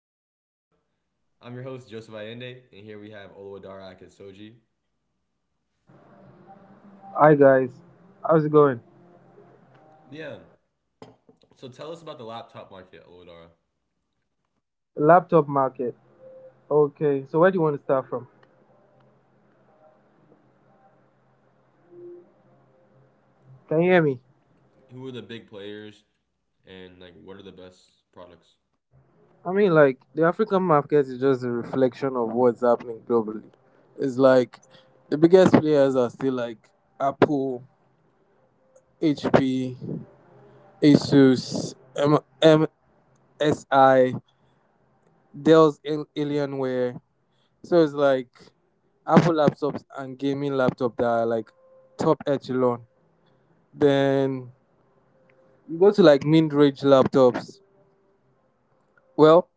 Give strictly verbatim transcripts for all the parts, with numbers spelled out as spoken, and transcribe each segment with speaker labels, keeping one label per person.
Speaker 1: Allende Show. I'm your host, Joseph Allende, and here we have Oluwadara Akinsoji.
Speaker 2: Hi guys, how's it going?
Speaker 1: Yeah. So tell us about the laptop market, Oluwadara.
Speaker 2: Laptop market. Okay, so where do you want to start from? Can you hear me?
Speaker 1: Who are the big players, and like, what are the best products?
Speaker 2: I mean, like, the African market is just a reflection of what's happening globally. It's like the biggest players are still like Apple, H P, Asus, M- MSI, Dell's Al- Alienware. So it's like Apple laptops and gaming laptop that are like top echelon. Then you go to like mid range laptops. Well,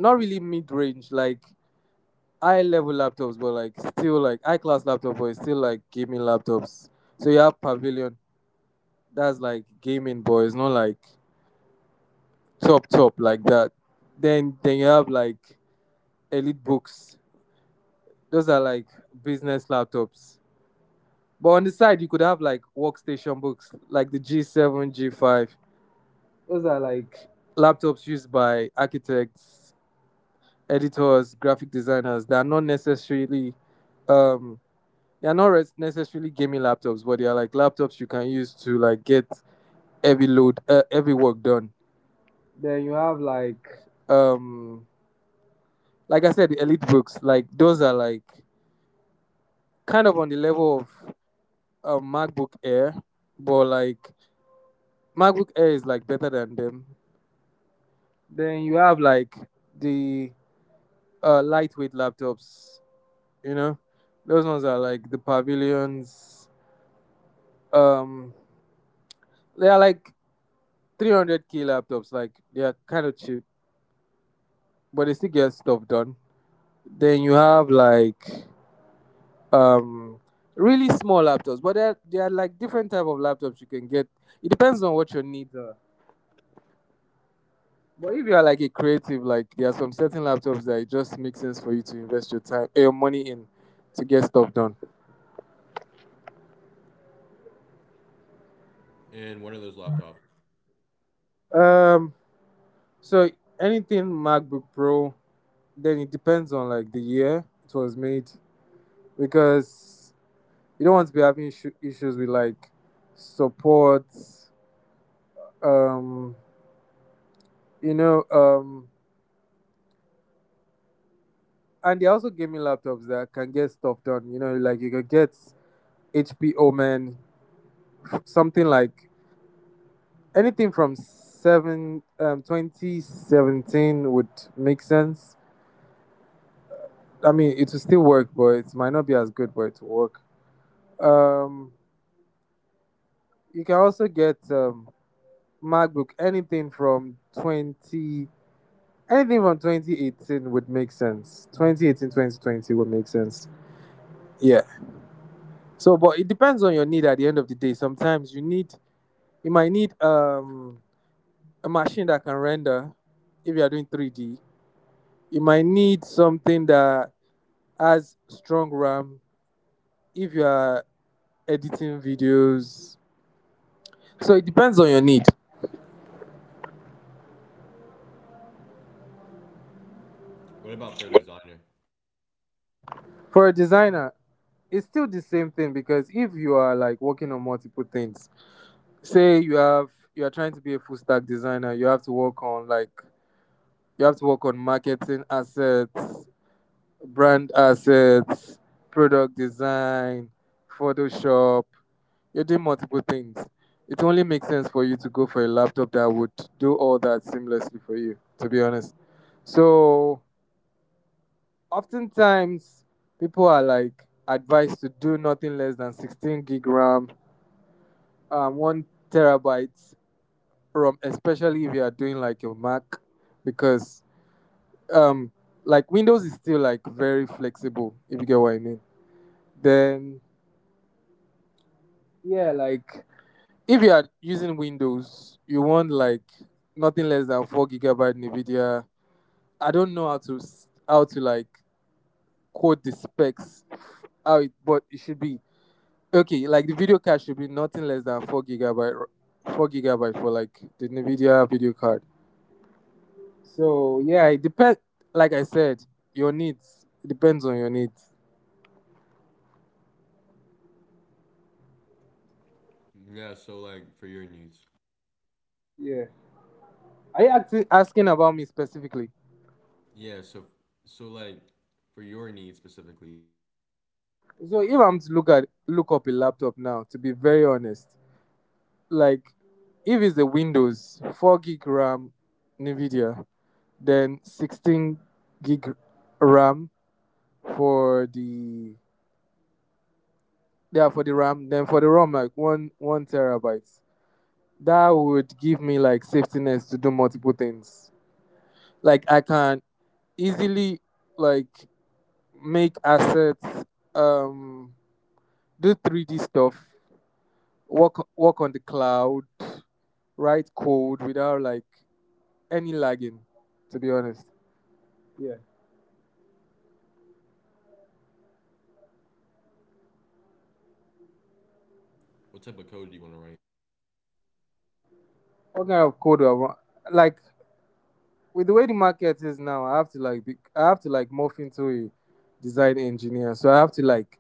Speaker 2: not really mid range, like high level laptops, but like still like high class laptop, but it's still like gaming laptops. So you have Pavilion, that's like gaming, but it's not like top top like that. Then then you have like Elite Books, those are like business laptops. But on the side, you could have like workstation books, like the G seven, G five. Those are like laptops used by architects, editors, graphic designers. They are not necessarily um they are not res- necessarily gaming laptops, but they are like laptops you can use to like get heavy load, uh, heavy work done. Then you have like, um, like I said, the Elite books. Like those are like kind of on the level of um, MacBook Air, but like MacBook Air is like better than them. Then you have like the uh, lightweight laptops. You know, those ones are like the Pavilions. Um, they are like three hundred k laptops. Like they are kind of cheap, but they still get stuff done. Then you have like um really small laptops, but there there are like different type of laptops you can get. It depends on what your needs are. But if you are like a creative, like there are some certain laptops that it just makes sense for you to invest your time, eh, your money in, to get stuff done.
Speaker 1: And what are those laptops?
Speaker 2: Um, so anything MacBook Pro, then it depends on like the year it was made because you don't want to be having issu- issues with like support, um, you know, um, and they also gave me laptops that can get stuff done. You know, like you could get H P Omen, something like anything from seven um, twenty seventeen would make sense. I mean, it will still work, but it might not be as good, but it will work. Um, you can also get um, MacBook anything from 20 anything from twenty eighteen would make sense. Twenty eighteen, twenty twenty would make sense. Yeah. So, but it depends on your need at the end of the day. Sometimes you need, you might need um, a machine that can render if you are doing three D. You might need something that has strong RAM if you are editing videos. So, it depends on your need.
Speaker 1: What about for a designer?
Speaker 2: For a designer, it's still the same thing because if you are like working on multiple things, say you have you are trying to be a full stack designer, you have to work on like you have to work on marketing assets, brand assets, product design, Photoshop. You're doing multiple things. It only makes sense for you to go for a laptop that would do all that seamlessly for you, to be honest. So, oftentimes, people are like advised to do nothing less than sixteen gig RAM, um, one terabyte ROM, especially if you are doing like a Mac, because um, like Windows is still like very flexible, if you get what I mean. Then, yeah, like if you are using Windows, you want like nothing less than four gigabyte NVIDIA. I don't know how to s- how to like quote the specs how it, but it should be okay. Like the video card should be nothing less than four gigabyte, r- four gigabyte for like the NVIDIA video card. So yeah, it depends. Like I said, your needs it depends on your needs.
Speaker 1: Yeah. So like, for your needs.
Speaker 2: Yeah. Are you acti- asking about me specifically?
Speaker 1: Yeah. So so like, for your needs specifically,
Speaker 2: So if I'm to look at look up a laptop now, to be very honest. Like if it's the Windows, four gig RAM NVIDIA, then sixteen gig RAM for the, yeah, for the RAM, then for the ROM like one one terabyte. That would give me like safetiness to do multiple things. Like I can easily like make assets, um, do three D stuff, work work on the cloud, write code without like any lagging. To be honest. Yeah.
Speaker 1: what type of code do you want to write?
Speaker 2: What kind of code do I want? Like with the way the market is now, I have to like be, I have to like morph into a design engineer. So I have to like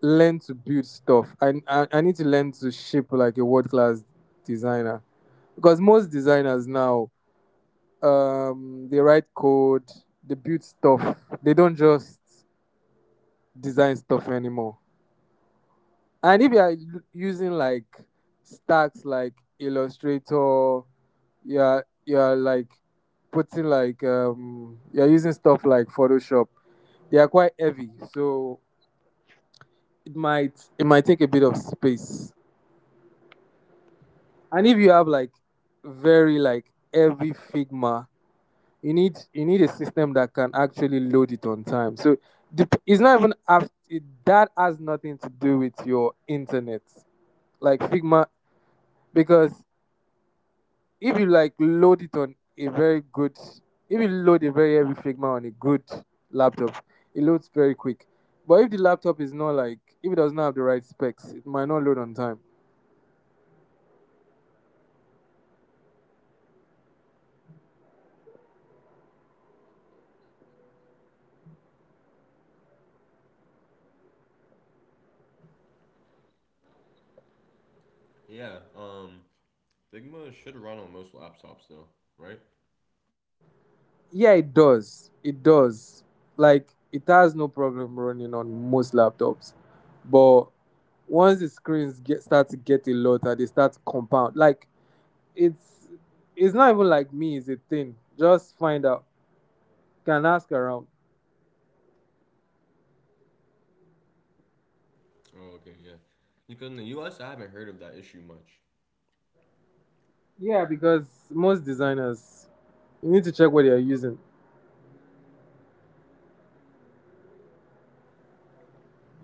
Speaker 2: learn to build stuff. I I, I need to learn to shape like a world class designer because most designers now um they write code, they build stuff. They don't just design stuff anymore. And if you are u- using like stacks like Illustrator, you're you're like putting like um you're using stuff like Photoshop. They are quite heavy, so it might it might take a bit of space. And if you have like very like heavy Figma, you need you need a system that can actually load it on time. So dep- it's not even af- it, that has nothing to do with your internet, like Figma, because if you like load it on a very good if you load a very heavy Figma on a good laptop, it loads very quick. But if the laptop is not like, if it does not have the right specs, it might not load on time.
Speaker 1: Yeah. Um, Figma should run on most laptops though, right?
Speaker 2: Yeah, it does it does, like it has no problem running on most laptops. But once the screens get start to get a lot, they start to compound. Like, it's it's not even like me, it's a thing, just find out, can ask around.
Speaker 1: Oh, okay. Yeah. Because in the U S, I haven't heard of that issue much.
Speaker 2: Yeah, because most designers you need to check what you're using.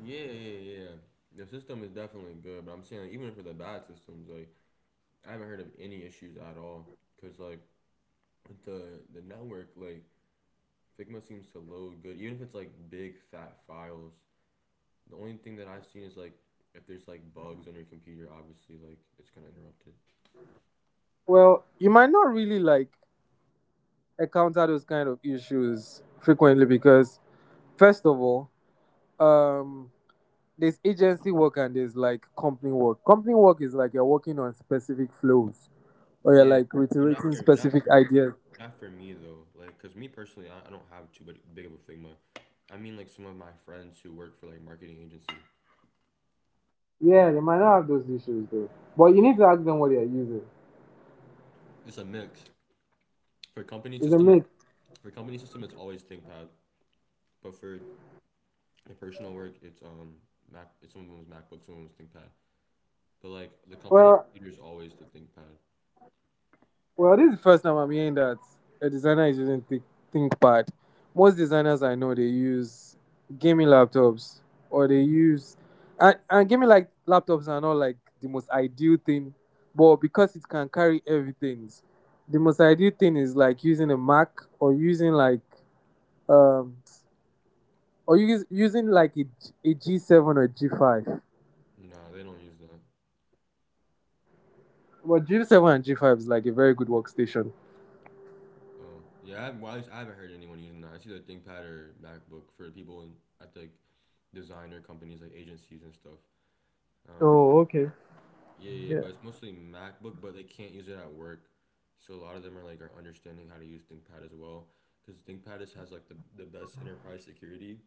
Speaker 1: Yeah, yeah, yeah. The system is definitely good, but I'm saying like, even for the bad systems, like I haven't heard of any issues at all. Cause like with the the network, like Figma seems to load good, even if it's like big fat files. The only thing that I've seen is like if there's like bugs on your computer, obviously like it's gonna interrupt it.
Speaker 2: Well, you might not really like encounter those kind of issues frequently because first of all, um there's agency work and there's like company work. Company work is like you're working on specific flows or you're
Speaker 1: Yeah,
Speaker 2: like
Speaker 1: but not
Speaker 2: reiterating
Speaker 1: for not
Speaker 2: specific
Speaker 1: for me,
Speaker 2: ideas.
Speaker 1: not for me though. Like, cause me personally, I, I don't have too big big of a Figma. I mean, like some of my friends who work for like marketing agency.
Speaker 2: Yeah, they might not have those issues though. But you need to ask them what they're using.
Speaker 1: It's a mix. For company
Speaker 2: It's a
Speaker 1: system,
Speaker 2: mix.
Speaker 1: for company system, it's always ThinkPad. But for the personal work, it's um Mac. It's someone's MacBook, someone's ThinkPad. But like the company
Speaker 2: Well,
Speaker 1: computer is always the ThinkPad.
Speaker 2: Well, this is the first time I'm hearing that a designer is using th- ThinkPad. Most designers I know they use gaming laptops or they use and, and gaming like laptops are not like the most ideal thing, but because it can carry everything, the most ideal thing is like using a Mac or using like um or use, using like a, G- a G seven or G five.
Speaker 1: No, they don't use that.
Speaker 2: Well, G seven and G five is like a very good workstation.
Speaker 1: Oh yeah, I haven't, well, I, I haven't heard anyone using that. It's either ThinkPad or MacBook for people in, at like designer companies, like agencies and stuff. Um,
Speaker 2: Oh, okay.
Speaker 1: Yeah, yeah, yeah, but
Speaker 2: Yeah.
Speaker 1: it's mostly MacBook, but they can't use it at work. So a lot of them are like are understanding how to use ThinkPad as well, because ThinkPad is, has like the, the best enterprise security,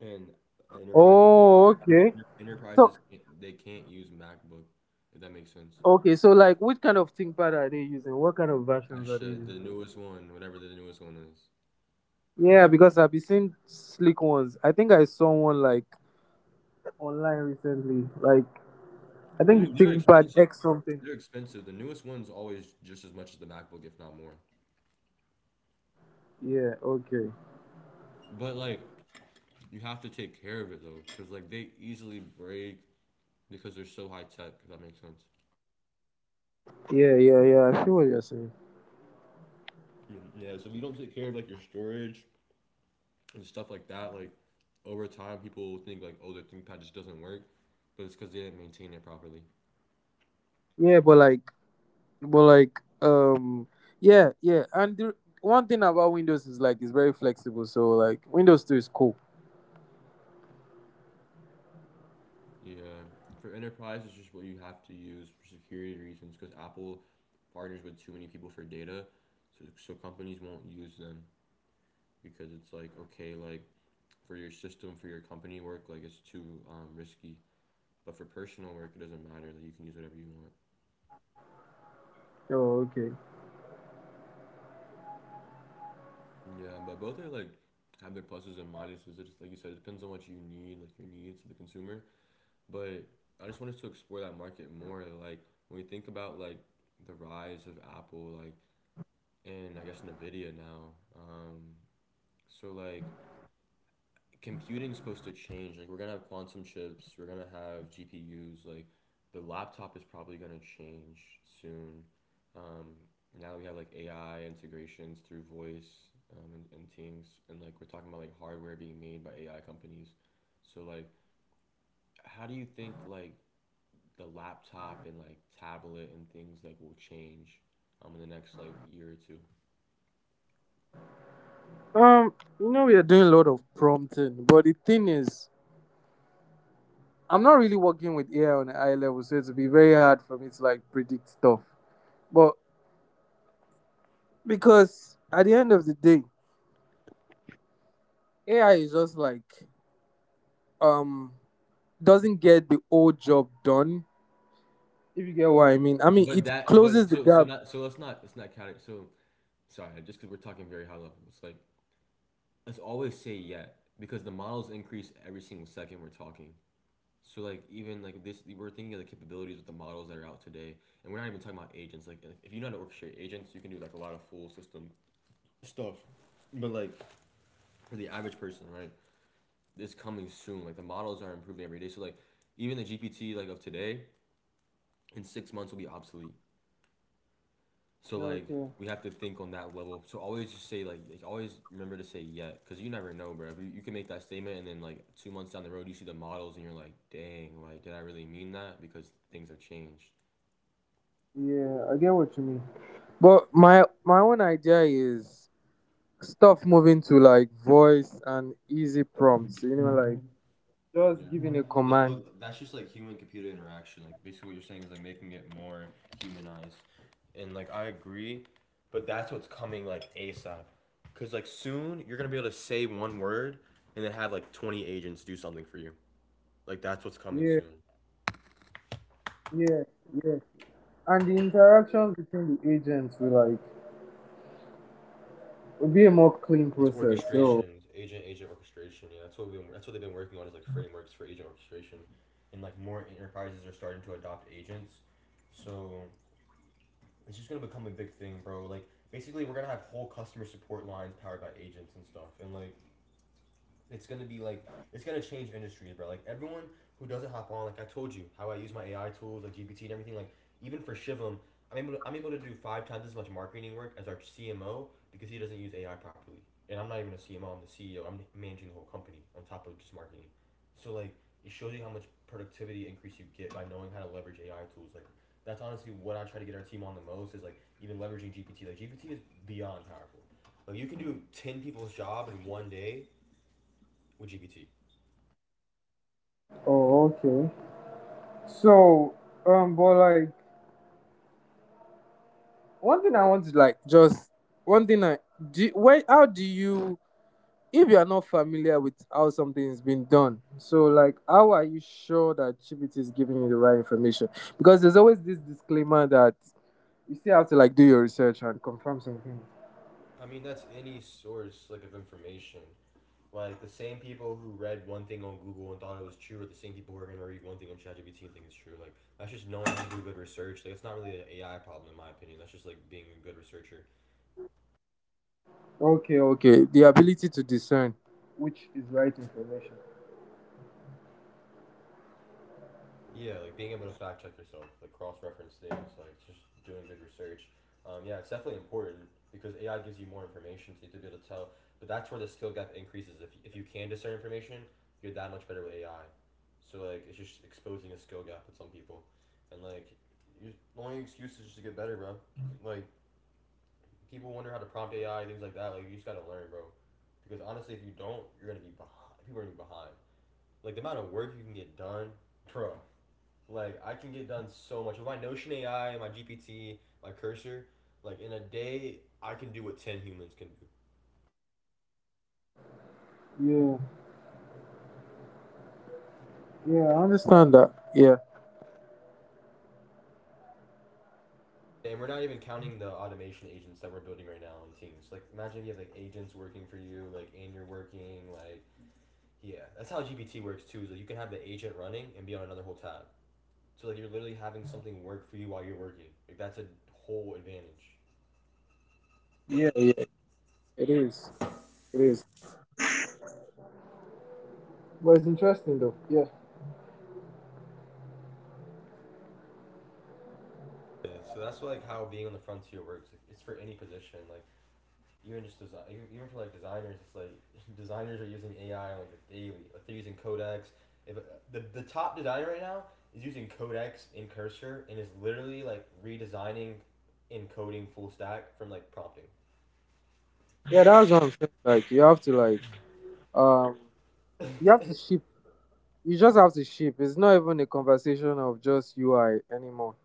Speaker 1: and enterprises
Speaker 2: Oh,
Speaker 1: enter,
Speaker 2: okay.
Speaker 1: enter-
Speaker 2: So,
Speaker 1: enterprises can't, they can't use MacBook, if that makes sense.
Speaker 2: okay, so
Speaker 1: 'Cause
Speaker 2: like, which kind of ThinkPad are they using? What kind of
Speaker 1: I
Speaker 2: versions are they
Speaker 1: should-
Speaker 2: using?
Speaker 1: the newest one, whatever the newest one is,
Speaker 2: Yeah, because I've been seeing slick ones. I think I saw one like online recently. Like, I
Speaker 1: I
Speaker 2: think
Speaker 1: mean,
Speaker 2: it's
Speaker 1: they're
Speaker 2: ThinkPad
Speaker 1: expensive.
Speaker 2: X something.
Speaker 1: They're expensive. The newest one's always just as much as the MacBook, if not more.
Speaker 2: Yeah. Okay.
Speaker 1: But like you have to take care of it though, because like they easily break because they're so high tech. If that makes sense.
Speaker 2: Yeah, yeah, yeah. I see what you're saying.
Speaker 1: Mm, Yeah, so if you don't take care of like your storage and stuff like that, like over time people think like, oh, their ThinkPad just doesn't work, but it's because they didn't maintain it properly.
Speaker 2: Yeah, but like, but like, um, yeah, yeah. And the, one thing about Windows is like it's very flexible. So like, Windows Two is cool.
Speaker 1: Yeah, for enterprise, it's just what you have to use for security reasons because Apple partners with too many people for data, so so companies won't use them because it's like okay, like for your system for your company work, like it's too um, risky. But for personal work, it doesn't matter. Like you can use whatever you want.
Speaker 2: Oh, okay.
Speaker 1: Yeah, but both are like have their pluses and minuses. It just like you said, it depends on what you need, like your needs, the consumer. But I just want us to explore that market more. Like when we think about like the rise of Apple, like and I guess Nvidia now. Um, so like computing's supposed to change. Like we're gonna have quantum chips, we're gonna have G P Us. Like the laptop is probably gonna change soon. Um, Now we have like A I integrations through voice um, and, and things, and like we're talking about like hardware being made by A I companies. So like, how do you think like the laptop and like tablet and things like will change um in the next like year or two?
Speaker 2: Um, you know we are doing a lot of prompting, but the thing is, I'm not really working with A I on a high level, so it'll be very hard for me to like predict stuff. But because at the end of the day, A I is just like um doesn't get the old job done. If you get what I mean. I mean
Speaker 1: But
Speaker 2: it
Speaker 1: that
Speaker 2: closes
Speaker 1: but
Speaker 2: the
Speaker 1: so so
Speaker 2: gap.
Speaker 1: not so Let's not it's not category so sorry just because we're talking very high level it's like, let's always say yet because the models increase every single second we're talking. So like even like this, we're thinking of the capabilities with the models that are out today, and we're not even talking about agents. Like if- you know how to orchestrate agents, you can do like a lot of full system stuff. But like for the average person, right? It's coming soon. Like the models are improving every day. So like even the G P T like of today in six months will be obsolete. So like
Speaker 2: Okay.
Speaker 1: we have to think on that level. So always just say like, like always remember to say yet, because you never know, bro. You, you can make that statement, and then like two months down the road, you see the models, and you're like, dang, like did I really mean that? Because things have changed.
Speaker 2: Yeah, I get what you mean. But my my own idea is stuff moving to like voice and easy prompts, you know, like
Speaker 1: Yeah,
Speaker 2: just giving a
Speaker 1: that's
Speaker 2: command.
Speaker 1: that's just like human computer interaction. Like basically, what you're saying is like making it more humanized, and like I agree, but that's what's coming like A S A P, because like soon you're gonna be able to say one word, and then have like twenty agents do something for you. Like that's what's coming
Speaker 2: Yeah,
Speaker 1: soon.
Speaker 2: yeah, yeah. And the interactions between the agents will like will be a more clean
Speaker 1: It's
Speaker 2: process. So,
Speaker 1: orchestration, agent agent orchestration. Yeah, that's what we've been, that's what they've been working on is like frameworks for agent orchestration, and like more enterprises are starting to adopt agents. So it's just gonna become a big thing, bro. Like basically, we're gonna have whole customer support lines powered by agents and stuff, and like it's gonna be like it's gonna change industries, bro. Like everyone who doesn't hop on, like I told you, how I use my A I tools, like G P T and everything. Like even for Shivam, I'm able to, I'm able to do five times as much marketing work as our C M O because he doesn't use A I properly. And I'm not even a C M O. I'm the C E O. I'm managing the whole company on top of just marketing. So like it shows you how much productivity increase you get by knowing how to leverage A I tools. Like that's honestly what I try to get our team on the most is like even leveraging G P T. Like G P T is beyond powerful. Like you can do ten people's job in one day with G P T.
Speaker 2: oh, okay. So, um, but like one thing I want to like just, one thing I do. Where how do you, if you are not familiar with how something is being done? So, like, how are you sure that G P T is giving you the right information? Because there's always this disclaimer that you still have to like do your research and confirm something.
Speaker 1: I mean, that's any source like of information. Like the same people who read one thing on Google and thought it was true, are the same people who are gonna read one thing on ChatGPT and think it's true. Like that's just knowing how to do good research. Like it's not really an A I problem in my opinion. That's just like being a good researcher.
Speaker 2: Okay, okay. The ability to discern which is right information.
Speaker 1: Yeah, like being able to fact check yourself, like cross reference things, like just doing good research. Um, yeah, it's definitely important because A I gives you more information, so you have to be able to tell. But that's where the skill gap increases. If, if you can discern information, you're that much better with A I. So like it's just exposing a skill gap with some people, and like you, the only excuse is just to get better, bro. Like people wonder how to prompt A I things like that. Like you just gotta learn, bro. Because honestly, if you don't, you're gonna be behind. People are gonna be behind. Like the amount of work you can get done, bro. Like I can get done so much with my Notion A I, my G P T, my cursor. Like in a day, I can do what ten humans can do.
Speaker 2: Yeah. Yeah, I understand that. Yeah.
Speaker 1: And we're not even counting the automation agents that we're building right now in teams. Like imagine if you have like agents working for you, like and you're working, like yeah, that's how G P T works too. Is like you can have the agent running and be on another whole tab. So like you're literally having something work for you while you're working. Like that's a whole advantage.
Speaker 2: Yeah, yeah. It is. It is. But it's interesting though. Yeah.
Speaker 1: Yeah, so that's like how being on the frontier works. Like, it's for any position. Like even just design, even for like designers, it's like designers are using A I like daily. Like they're using Codex. If uh, The the top designer right now is using Codex in Cursor and is literally like redesigning and coding full stack from like prompting.
Speaker 2: Yeah, that's what I'm saying. Like you have to like um you have to ship. You just have to ship. It's not even a conversation of just U I anymore.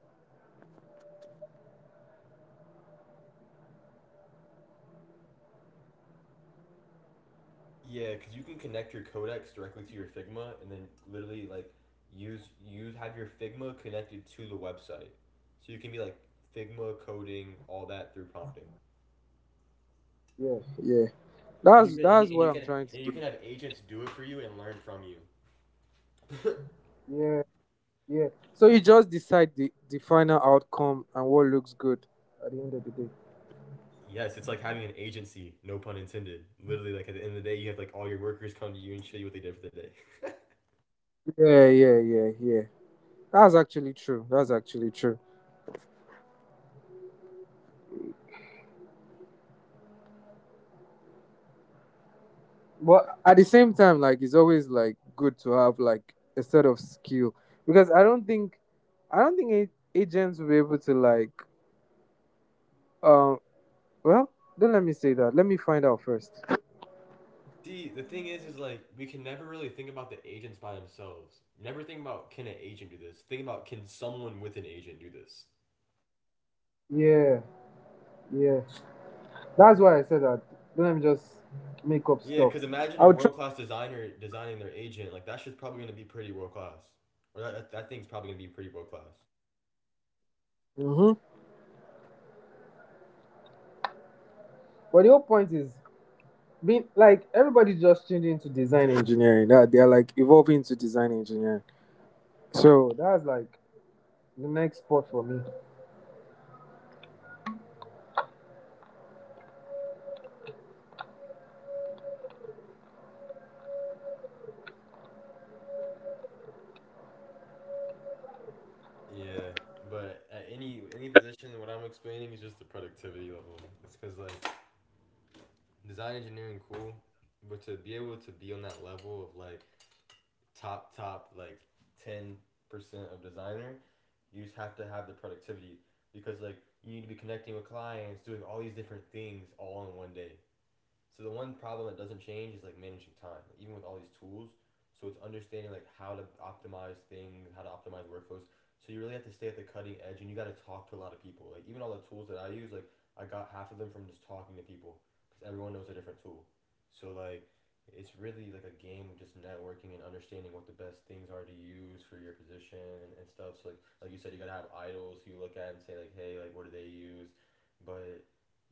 Speaker 1: Yeah, because you can connect your codex directly to your Figma, and then literally like use use have your Figma connected to the website, so you can be like Figma coding all that through prompting,
Speaker 2: Yeah. Yeah.
Speaker 1: and you
Speaker 2: That's
Speaker 1: can and,
Speaker 2: that's
Speaker 1: and
Speaker 2: what
Speaker 1: you
Speaker 2: I'm
Speaker 1: can
Speaker 2: trying to
Speaker 1: and you
Speaker 2: do.
Speaker 1: can have agents do it for you and learn from you.
Speaker 2: Yeah. Yeah. So you just decide the, the final outcome and what looks good at the end of the day.
Speaker 1: Yes, it's like having an agency, no pun intended. Literally, like at the end of the day, you have like all your workers come to you and show you what they did for the day.
Speaker 2: Yeah, yeah, yeah, yeah. That's actually true. That's actually true. But at the same time, like it's always like good to have like a set of skill because I don't think I don't think a- agents will be able to like um well, don't let me say that, let me find out first.
Speaker 1: See, the thing is, is like we can never really think about the agents by themselves. Never think about can an agent do this. Think about can someone with an agent do this.
Speaker 2: Yeah, yeah, that's why I said that. Don't let me just make up
Speaker 1: Yeah,
Speaker 2: stuff.
Speaker 1: because imagine a
Speaker 2: I'll try.
Speaker 1: world class designer designing their agent. Like that shit's probably gonna be pretty world class, or that, that that thing's probably gonna be pretty world class.
Speaker 2: Mm-hmm. But the whole point is being like everybody's just changing to design engineering. That they are like evolving to design engineering. So that's like the next spot for me.
Speaker 1: Yeah, but at any any position, what I'm explaining is just the productivity level. It's because like design engineering cool, but to be able to be on that level of like top top like ten percent of designer. You just have to have the productivity because like you need to be connecting with clients, doing all these different things all in one day. So the one problem that doesn't change is like managing time, like, even with all these tools. So it's understanding like how to optimize things, how to optimize workflows. So you really have to stay at the cutting edge, and you got to talk to a lot of people. Like even all the tools that I use, like I got half of them from just talking to people, because everyone knows a different tool. So like, it's really like a game of just networking and understanding what the best things are to use for your position and, and stuff. So like like you said, you gotta have idols who you look at and say like, hey, like what do they use? But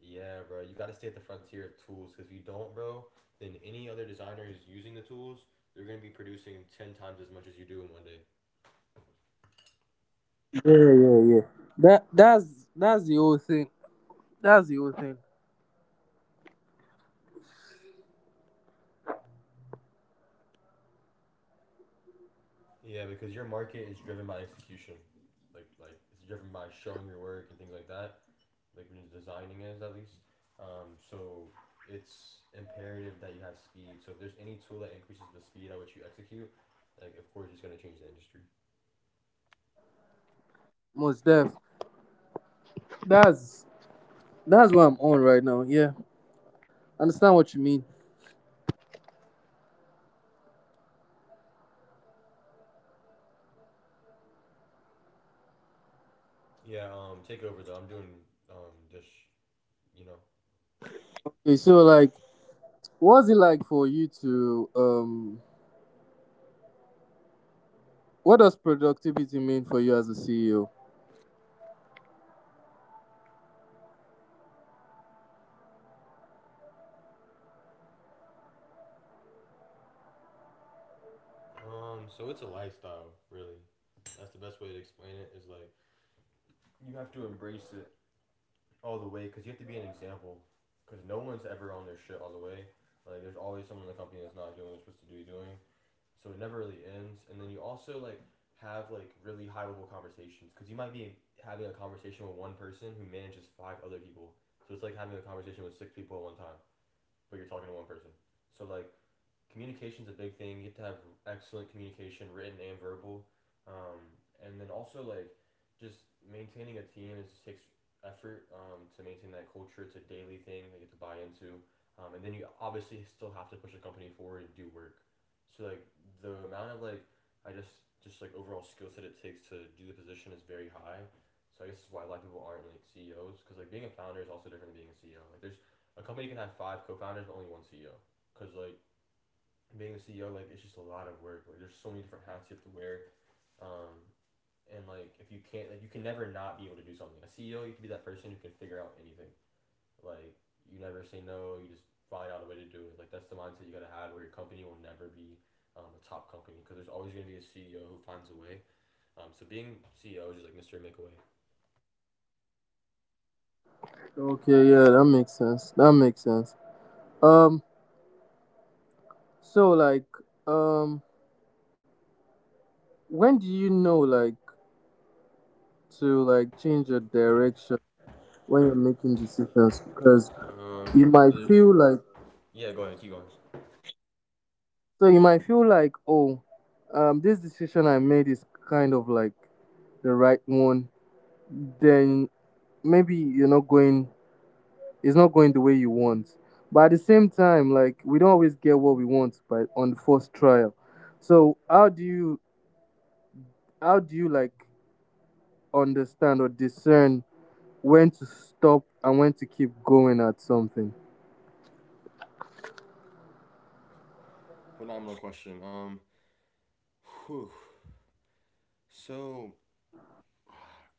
Speaker 1: yeah, bro. You gotta stay at the frontier of tools because if you don't, bro, then any other designer who's using the tools, they're gonna be producing ten times as much as you do in one day.
Speaker 2: Yeah, yeah, yeah. That that's that's the whole thing. That's the whole thing.
Speaker 1: Yeah, because your market is driven by execution, like like it's driven by showing your work and things like that. Like when you're designing is at least, um, so it's imperative that you have speed. So if there's any tool that increases the speed at which you execute, like of course it's gonna change the industry.
Speaker 2: Most def. That's that's what I'm on right now. Yeah, understand what you mean.
Speaker 1: Yeah, um, take over though. I'm doing, um just, you know
Speaker 2: Okay, so like, what's it like for you to um? What does productivity mean for you as a C E O?
Speaker 1: Um, so it's a lifestyle, really. That's the best way to explain it. Is like you have to embrace it all the way because you have to be an example. Because no one's ever on their shit all the way. Like there's always someone in the company that's not doing what they're supposed to be doing. So it never really ends. And then you also like have like really high level conversations because you might be having a conversation with one person who manages five other people. So it's like having a conversation with six people at one time, but you're talking to one person. So like communication's a big thing. You have to have excellent communication, written and verbal. Um, and then also like just maintaining a team is just takes effort, um, to maintain that culture. It's a daily thing they get to buy into. Um, and then you obviously still have to push the company forward and do work. So like the amount of like I just just like overall skill set it takes to do the position is very high. So I guess that's why a lot of people aren't like C E Os because like being a founder is also different than being a C E O. Like there's a company can have five co-founders but only one C E O because like being a C E O, like it's just a lot of work. Like there's so many different hats you have to wear. Um, and like if you can't, like you can never not be able to do something. A C E O, you can be that person who can figure out anything. Like you never say no. You just find out a way to do it. Like that's the mindset you gotta have, where your company will never be. Um, a top company because there's always going to be a C E O who finds a way. Um, so being C E O is just like Mister Make a
Speaker 2: Okay, yeah, that makes sense. That makes sense. Um, so like, um, when do you know like to like change your direction when you're making decisions? Because
Speaker 1: Way. Um,
Speaker 2: you might
Speaker 1: so there-
Speaker 2: feel like
Speaker 1: yeah, go ahead, keep going.
Speaker 2: So you might feel like, oh, um, this decision I made is kind of like the right one. Then maybe you're not going, it's not going the way you want. But at the same time, like we don't always get what we want, by on the first trial. So how do you, how do you like understand or discern when to stop and when to keep going at something?
Speaker 1: Phenomenal question. Um, whew. So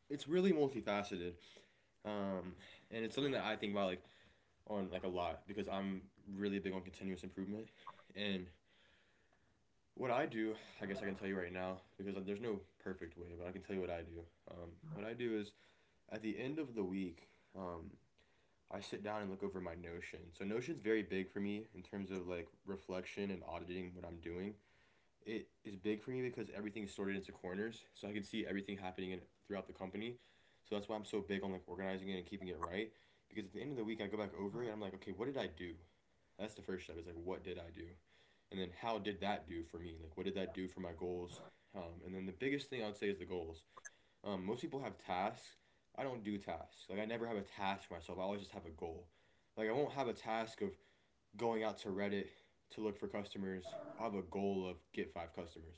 Speaker 1: it's really multifaceted. um, and it's something that I think about like on like a lot because I'm really big on continuous improvement, and what I do, I guess I can tell you right now because like, there's no perfect way, but I can tell you what I do. Um, what I do is at the end of the week, um, I sit down and look over my Notion. So Notion's very big for me in terms of like reflection and auditing what I'm doing. It is big for me because everything is sorted into corners, so I can see everything happening in, throughout the company. So that's why I'm so big on like organizing it and keeping it right. Because at the end of the week, I go back over it. And I'm like, okay, what did I do? That's the first step. Is like, what did I do? And then how did that do for me? Like, what did that do for my goals? Um, and then the biggest thing I would say is the goals. Um, most people have tasks. I don't do tasks. Like I never have a task for myself. I always just have a goal. Like I won't have a task of going out to Reddit to look for customers. I'll have a goal of get five customers.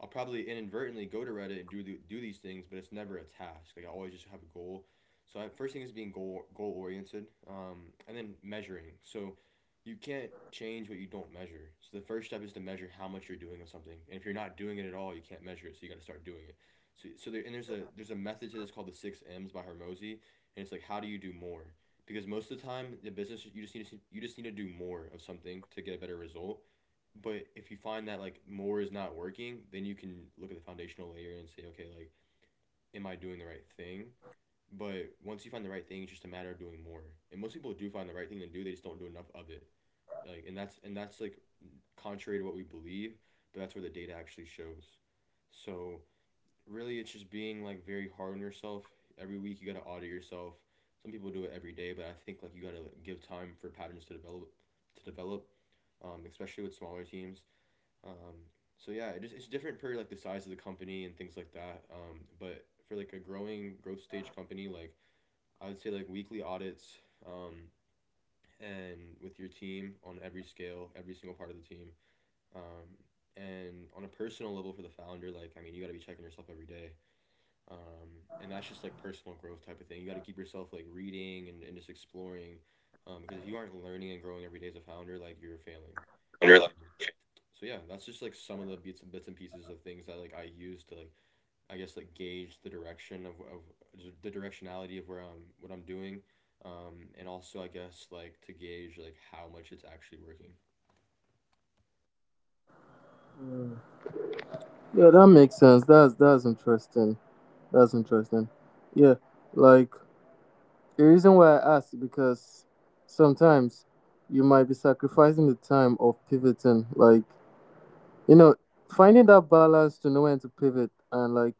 Speaker 1: I'll probably inadvertently go to Reddit and do do these things, but it's never a task. Like I always just have a goal. So I, first thing is being goal goal oriented, um, and then measuring. So you can't change what you don't measure. So the first step is to measure how much you're doing of something, and if you're not doing it at all, you can't measure it. So you got to start doing it. So so there and there's a there's a method to this called the six M's by Hermosi, and it's like how do you do more? Because most of the time, the business you just need to you just need to do more of something to get a better result, but if you find that like more is not working, then you can look at the foundational layer and say, okay, like, am I doing the right thing? But once you find the right thing, it's just a matter of doing more. And most people do find the right thing to do; they just don't do enough of it. Like, and that's and that's like contrary to what we believe, but that's where the data actually shows. So really, it's just being like very hard on yourself. Every week, you gotta audit yourself. Some people do it every day, but I think like you gotta like, give time for patterns to develop, to develop, um, especially with smaller teams. Um, so yeah, it just it's different per like the size of the company and things like that. Um, but for like a growing growth stage company, like I would say like weekly audits, um, and with your team on every scale, every single part of the team. Um, and on a personal level for the founder, like I mean, you got to be checking yourself every day. Um, and that's just like personal growth type of thing. You got to keep yourself like reading and, and just exploring. Um, because if you aren't learning and growing every day as a founder, like you're failing. Um, so yeah, that's just like some of the bits and bits and pieces of things that like i use to like i guess like gauge the direction of, of the directionality of where I'm what i'm doing, um and also i guess like to gauge like how much it's actually working.
Speaker 2: Yeah, that makes sense. That's that's interesting. That's interesting. Yeah, like the reason why I ask is because sometimes you might be sacrificing the time of pivoting. Like, you know, finding that balance to know when to pivot and like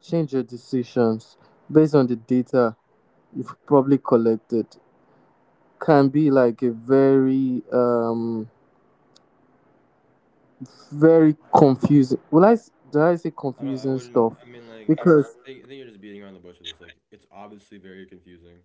Speaker 2: change your decisions based on the data you've probably collected can be like a very, um, very confusing. Will I, s- do I say
Speaker 1: I don't I
Speaker 2: confusing
Speaker 1: wouldn't
Speaker 2: stuff?
Speaker 1: i mean, like, it's
Speaker 2: Because,
Speaker 1: i think, I think you're just beating around the bush with this, like it's obviously very confusing,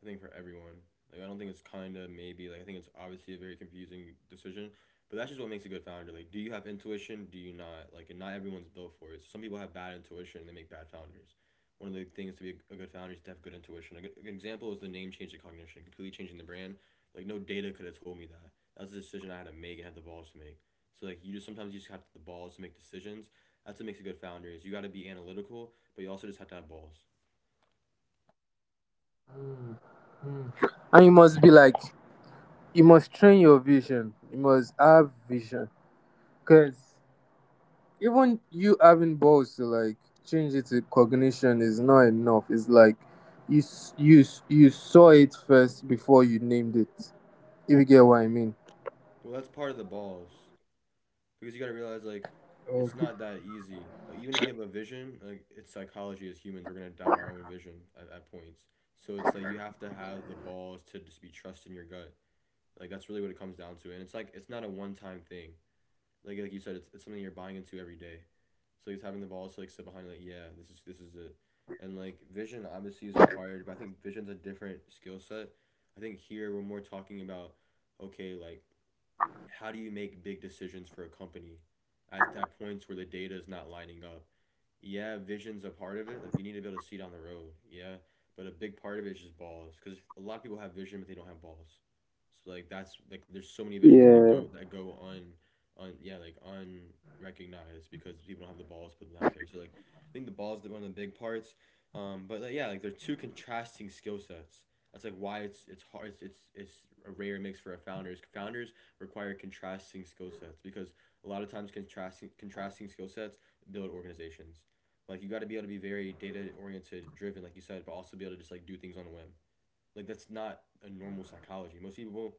Speaker 1: I think, for everyone. Like I don't think it's kinda maybe like I think it's obviously a very confusing decision, but that's just what makes a good founder. Like, do you have intuition? Do you not? Like, and not everyone's built for it. So some people have bad intuition and they make bad founders. One of the things to be a, good founder is to have good intuition. A good, a example is the name change to cognition, completely changing the brand. Like no data could have told me that. That was a decision I had to make and had the balls to make. So like you just sometimes you just have the balls to make decisions. That's what makes a good founder is you got to be analytical, but you also just have to have balls.
Speaker 2: and you must be like, you must train your vision, you must have vision. Because, even you having balls to like change it to Cognition is not enough. It's like you s- you s- you saw it first before you named it. If you get what I mean.
Speaker 1: Well, that's part of the balls, because you got to realize like
Speaker 2: Oh,
Speaker 1: it's not that easy. Like, even if you have a vision, like it's psychology as humans, we're gonna doubt our own vision at, at points. So it's like you have to have the balls to just be trust in your gut. Like that's really what it comes down to, and it's like it's not a one time thing. Like like you said, it's, it's something you're buying into every day. So it's having the balls to like sit behind like yeah, this is this is it, and like vision obviously is required, but I think vision's a different skill set. I think here we're more talking about, okay, like how do you make big decisions for a company at, at points where the data is not lining up? Yeah, vision's a part of it. Like you need to be able to see down the road. Yeah, but a big part of it is just balls because a lot of people have vision but they don't have balls. So like that's like there's so many visions that go
Speaker 2: yeah.
Speaker 1: that go un, un yeah like unrecognized because people don't have the balls put them out there. So like I think the balls is one of the big parts. Um, but like, yeah, like they're two contrasting skill sets. That's like why it's it's hard. It's it's, it's a rare mix for a founder. Is founders require contrasting skill sets because a lot of times contrasting contrasting skill sets build organizations. Like you got to be able to be very data oriented, driven, like you said, but also be able to just like do things on a whim. Like that's not a normal psychology. Most people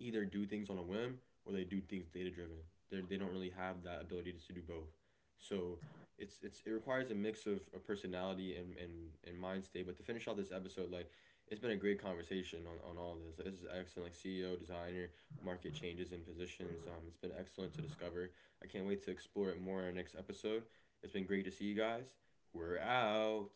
Speaker 1: either do things on a whim or they do things data driven. They they don't really have that ability to do both. So it's it's it requires a mix of, a personality and, and and mind state. But to finish off this episode, like it's been a great conversation on, on all of this. This is excellent, like C E O, designer, market changes and positions. Um, it's been excellent to discover. I can't wait to explore it more in our next episode. It's been great to see you guys. We're out.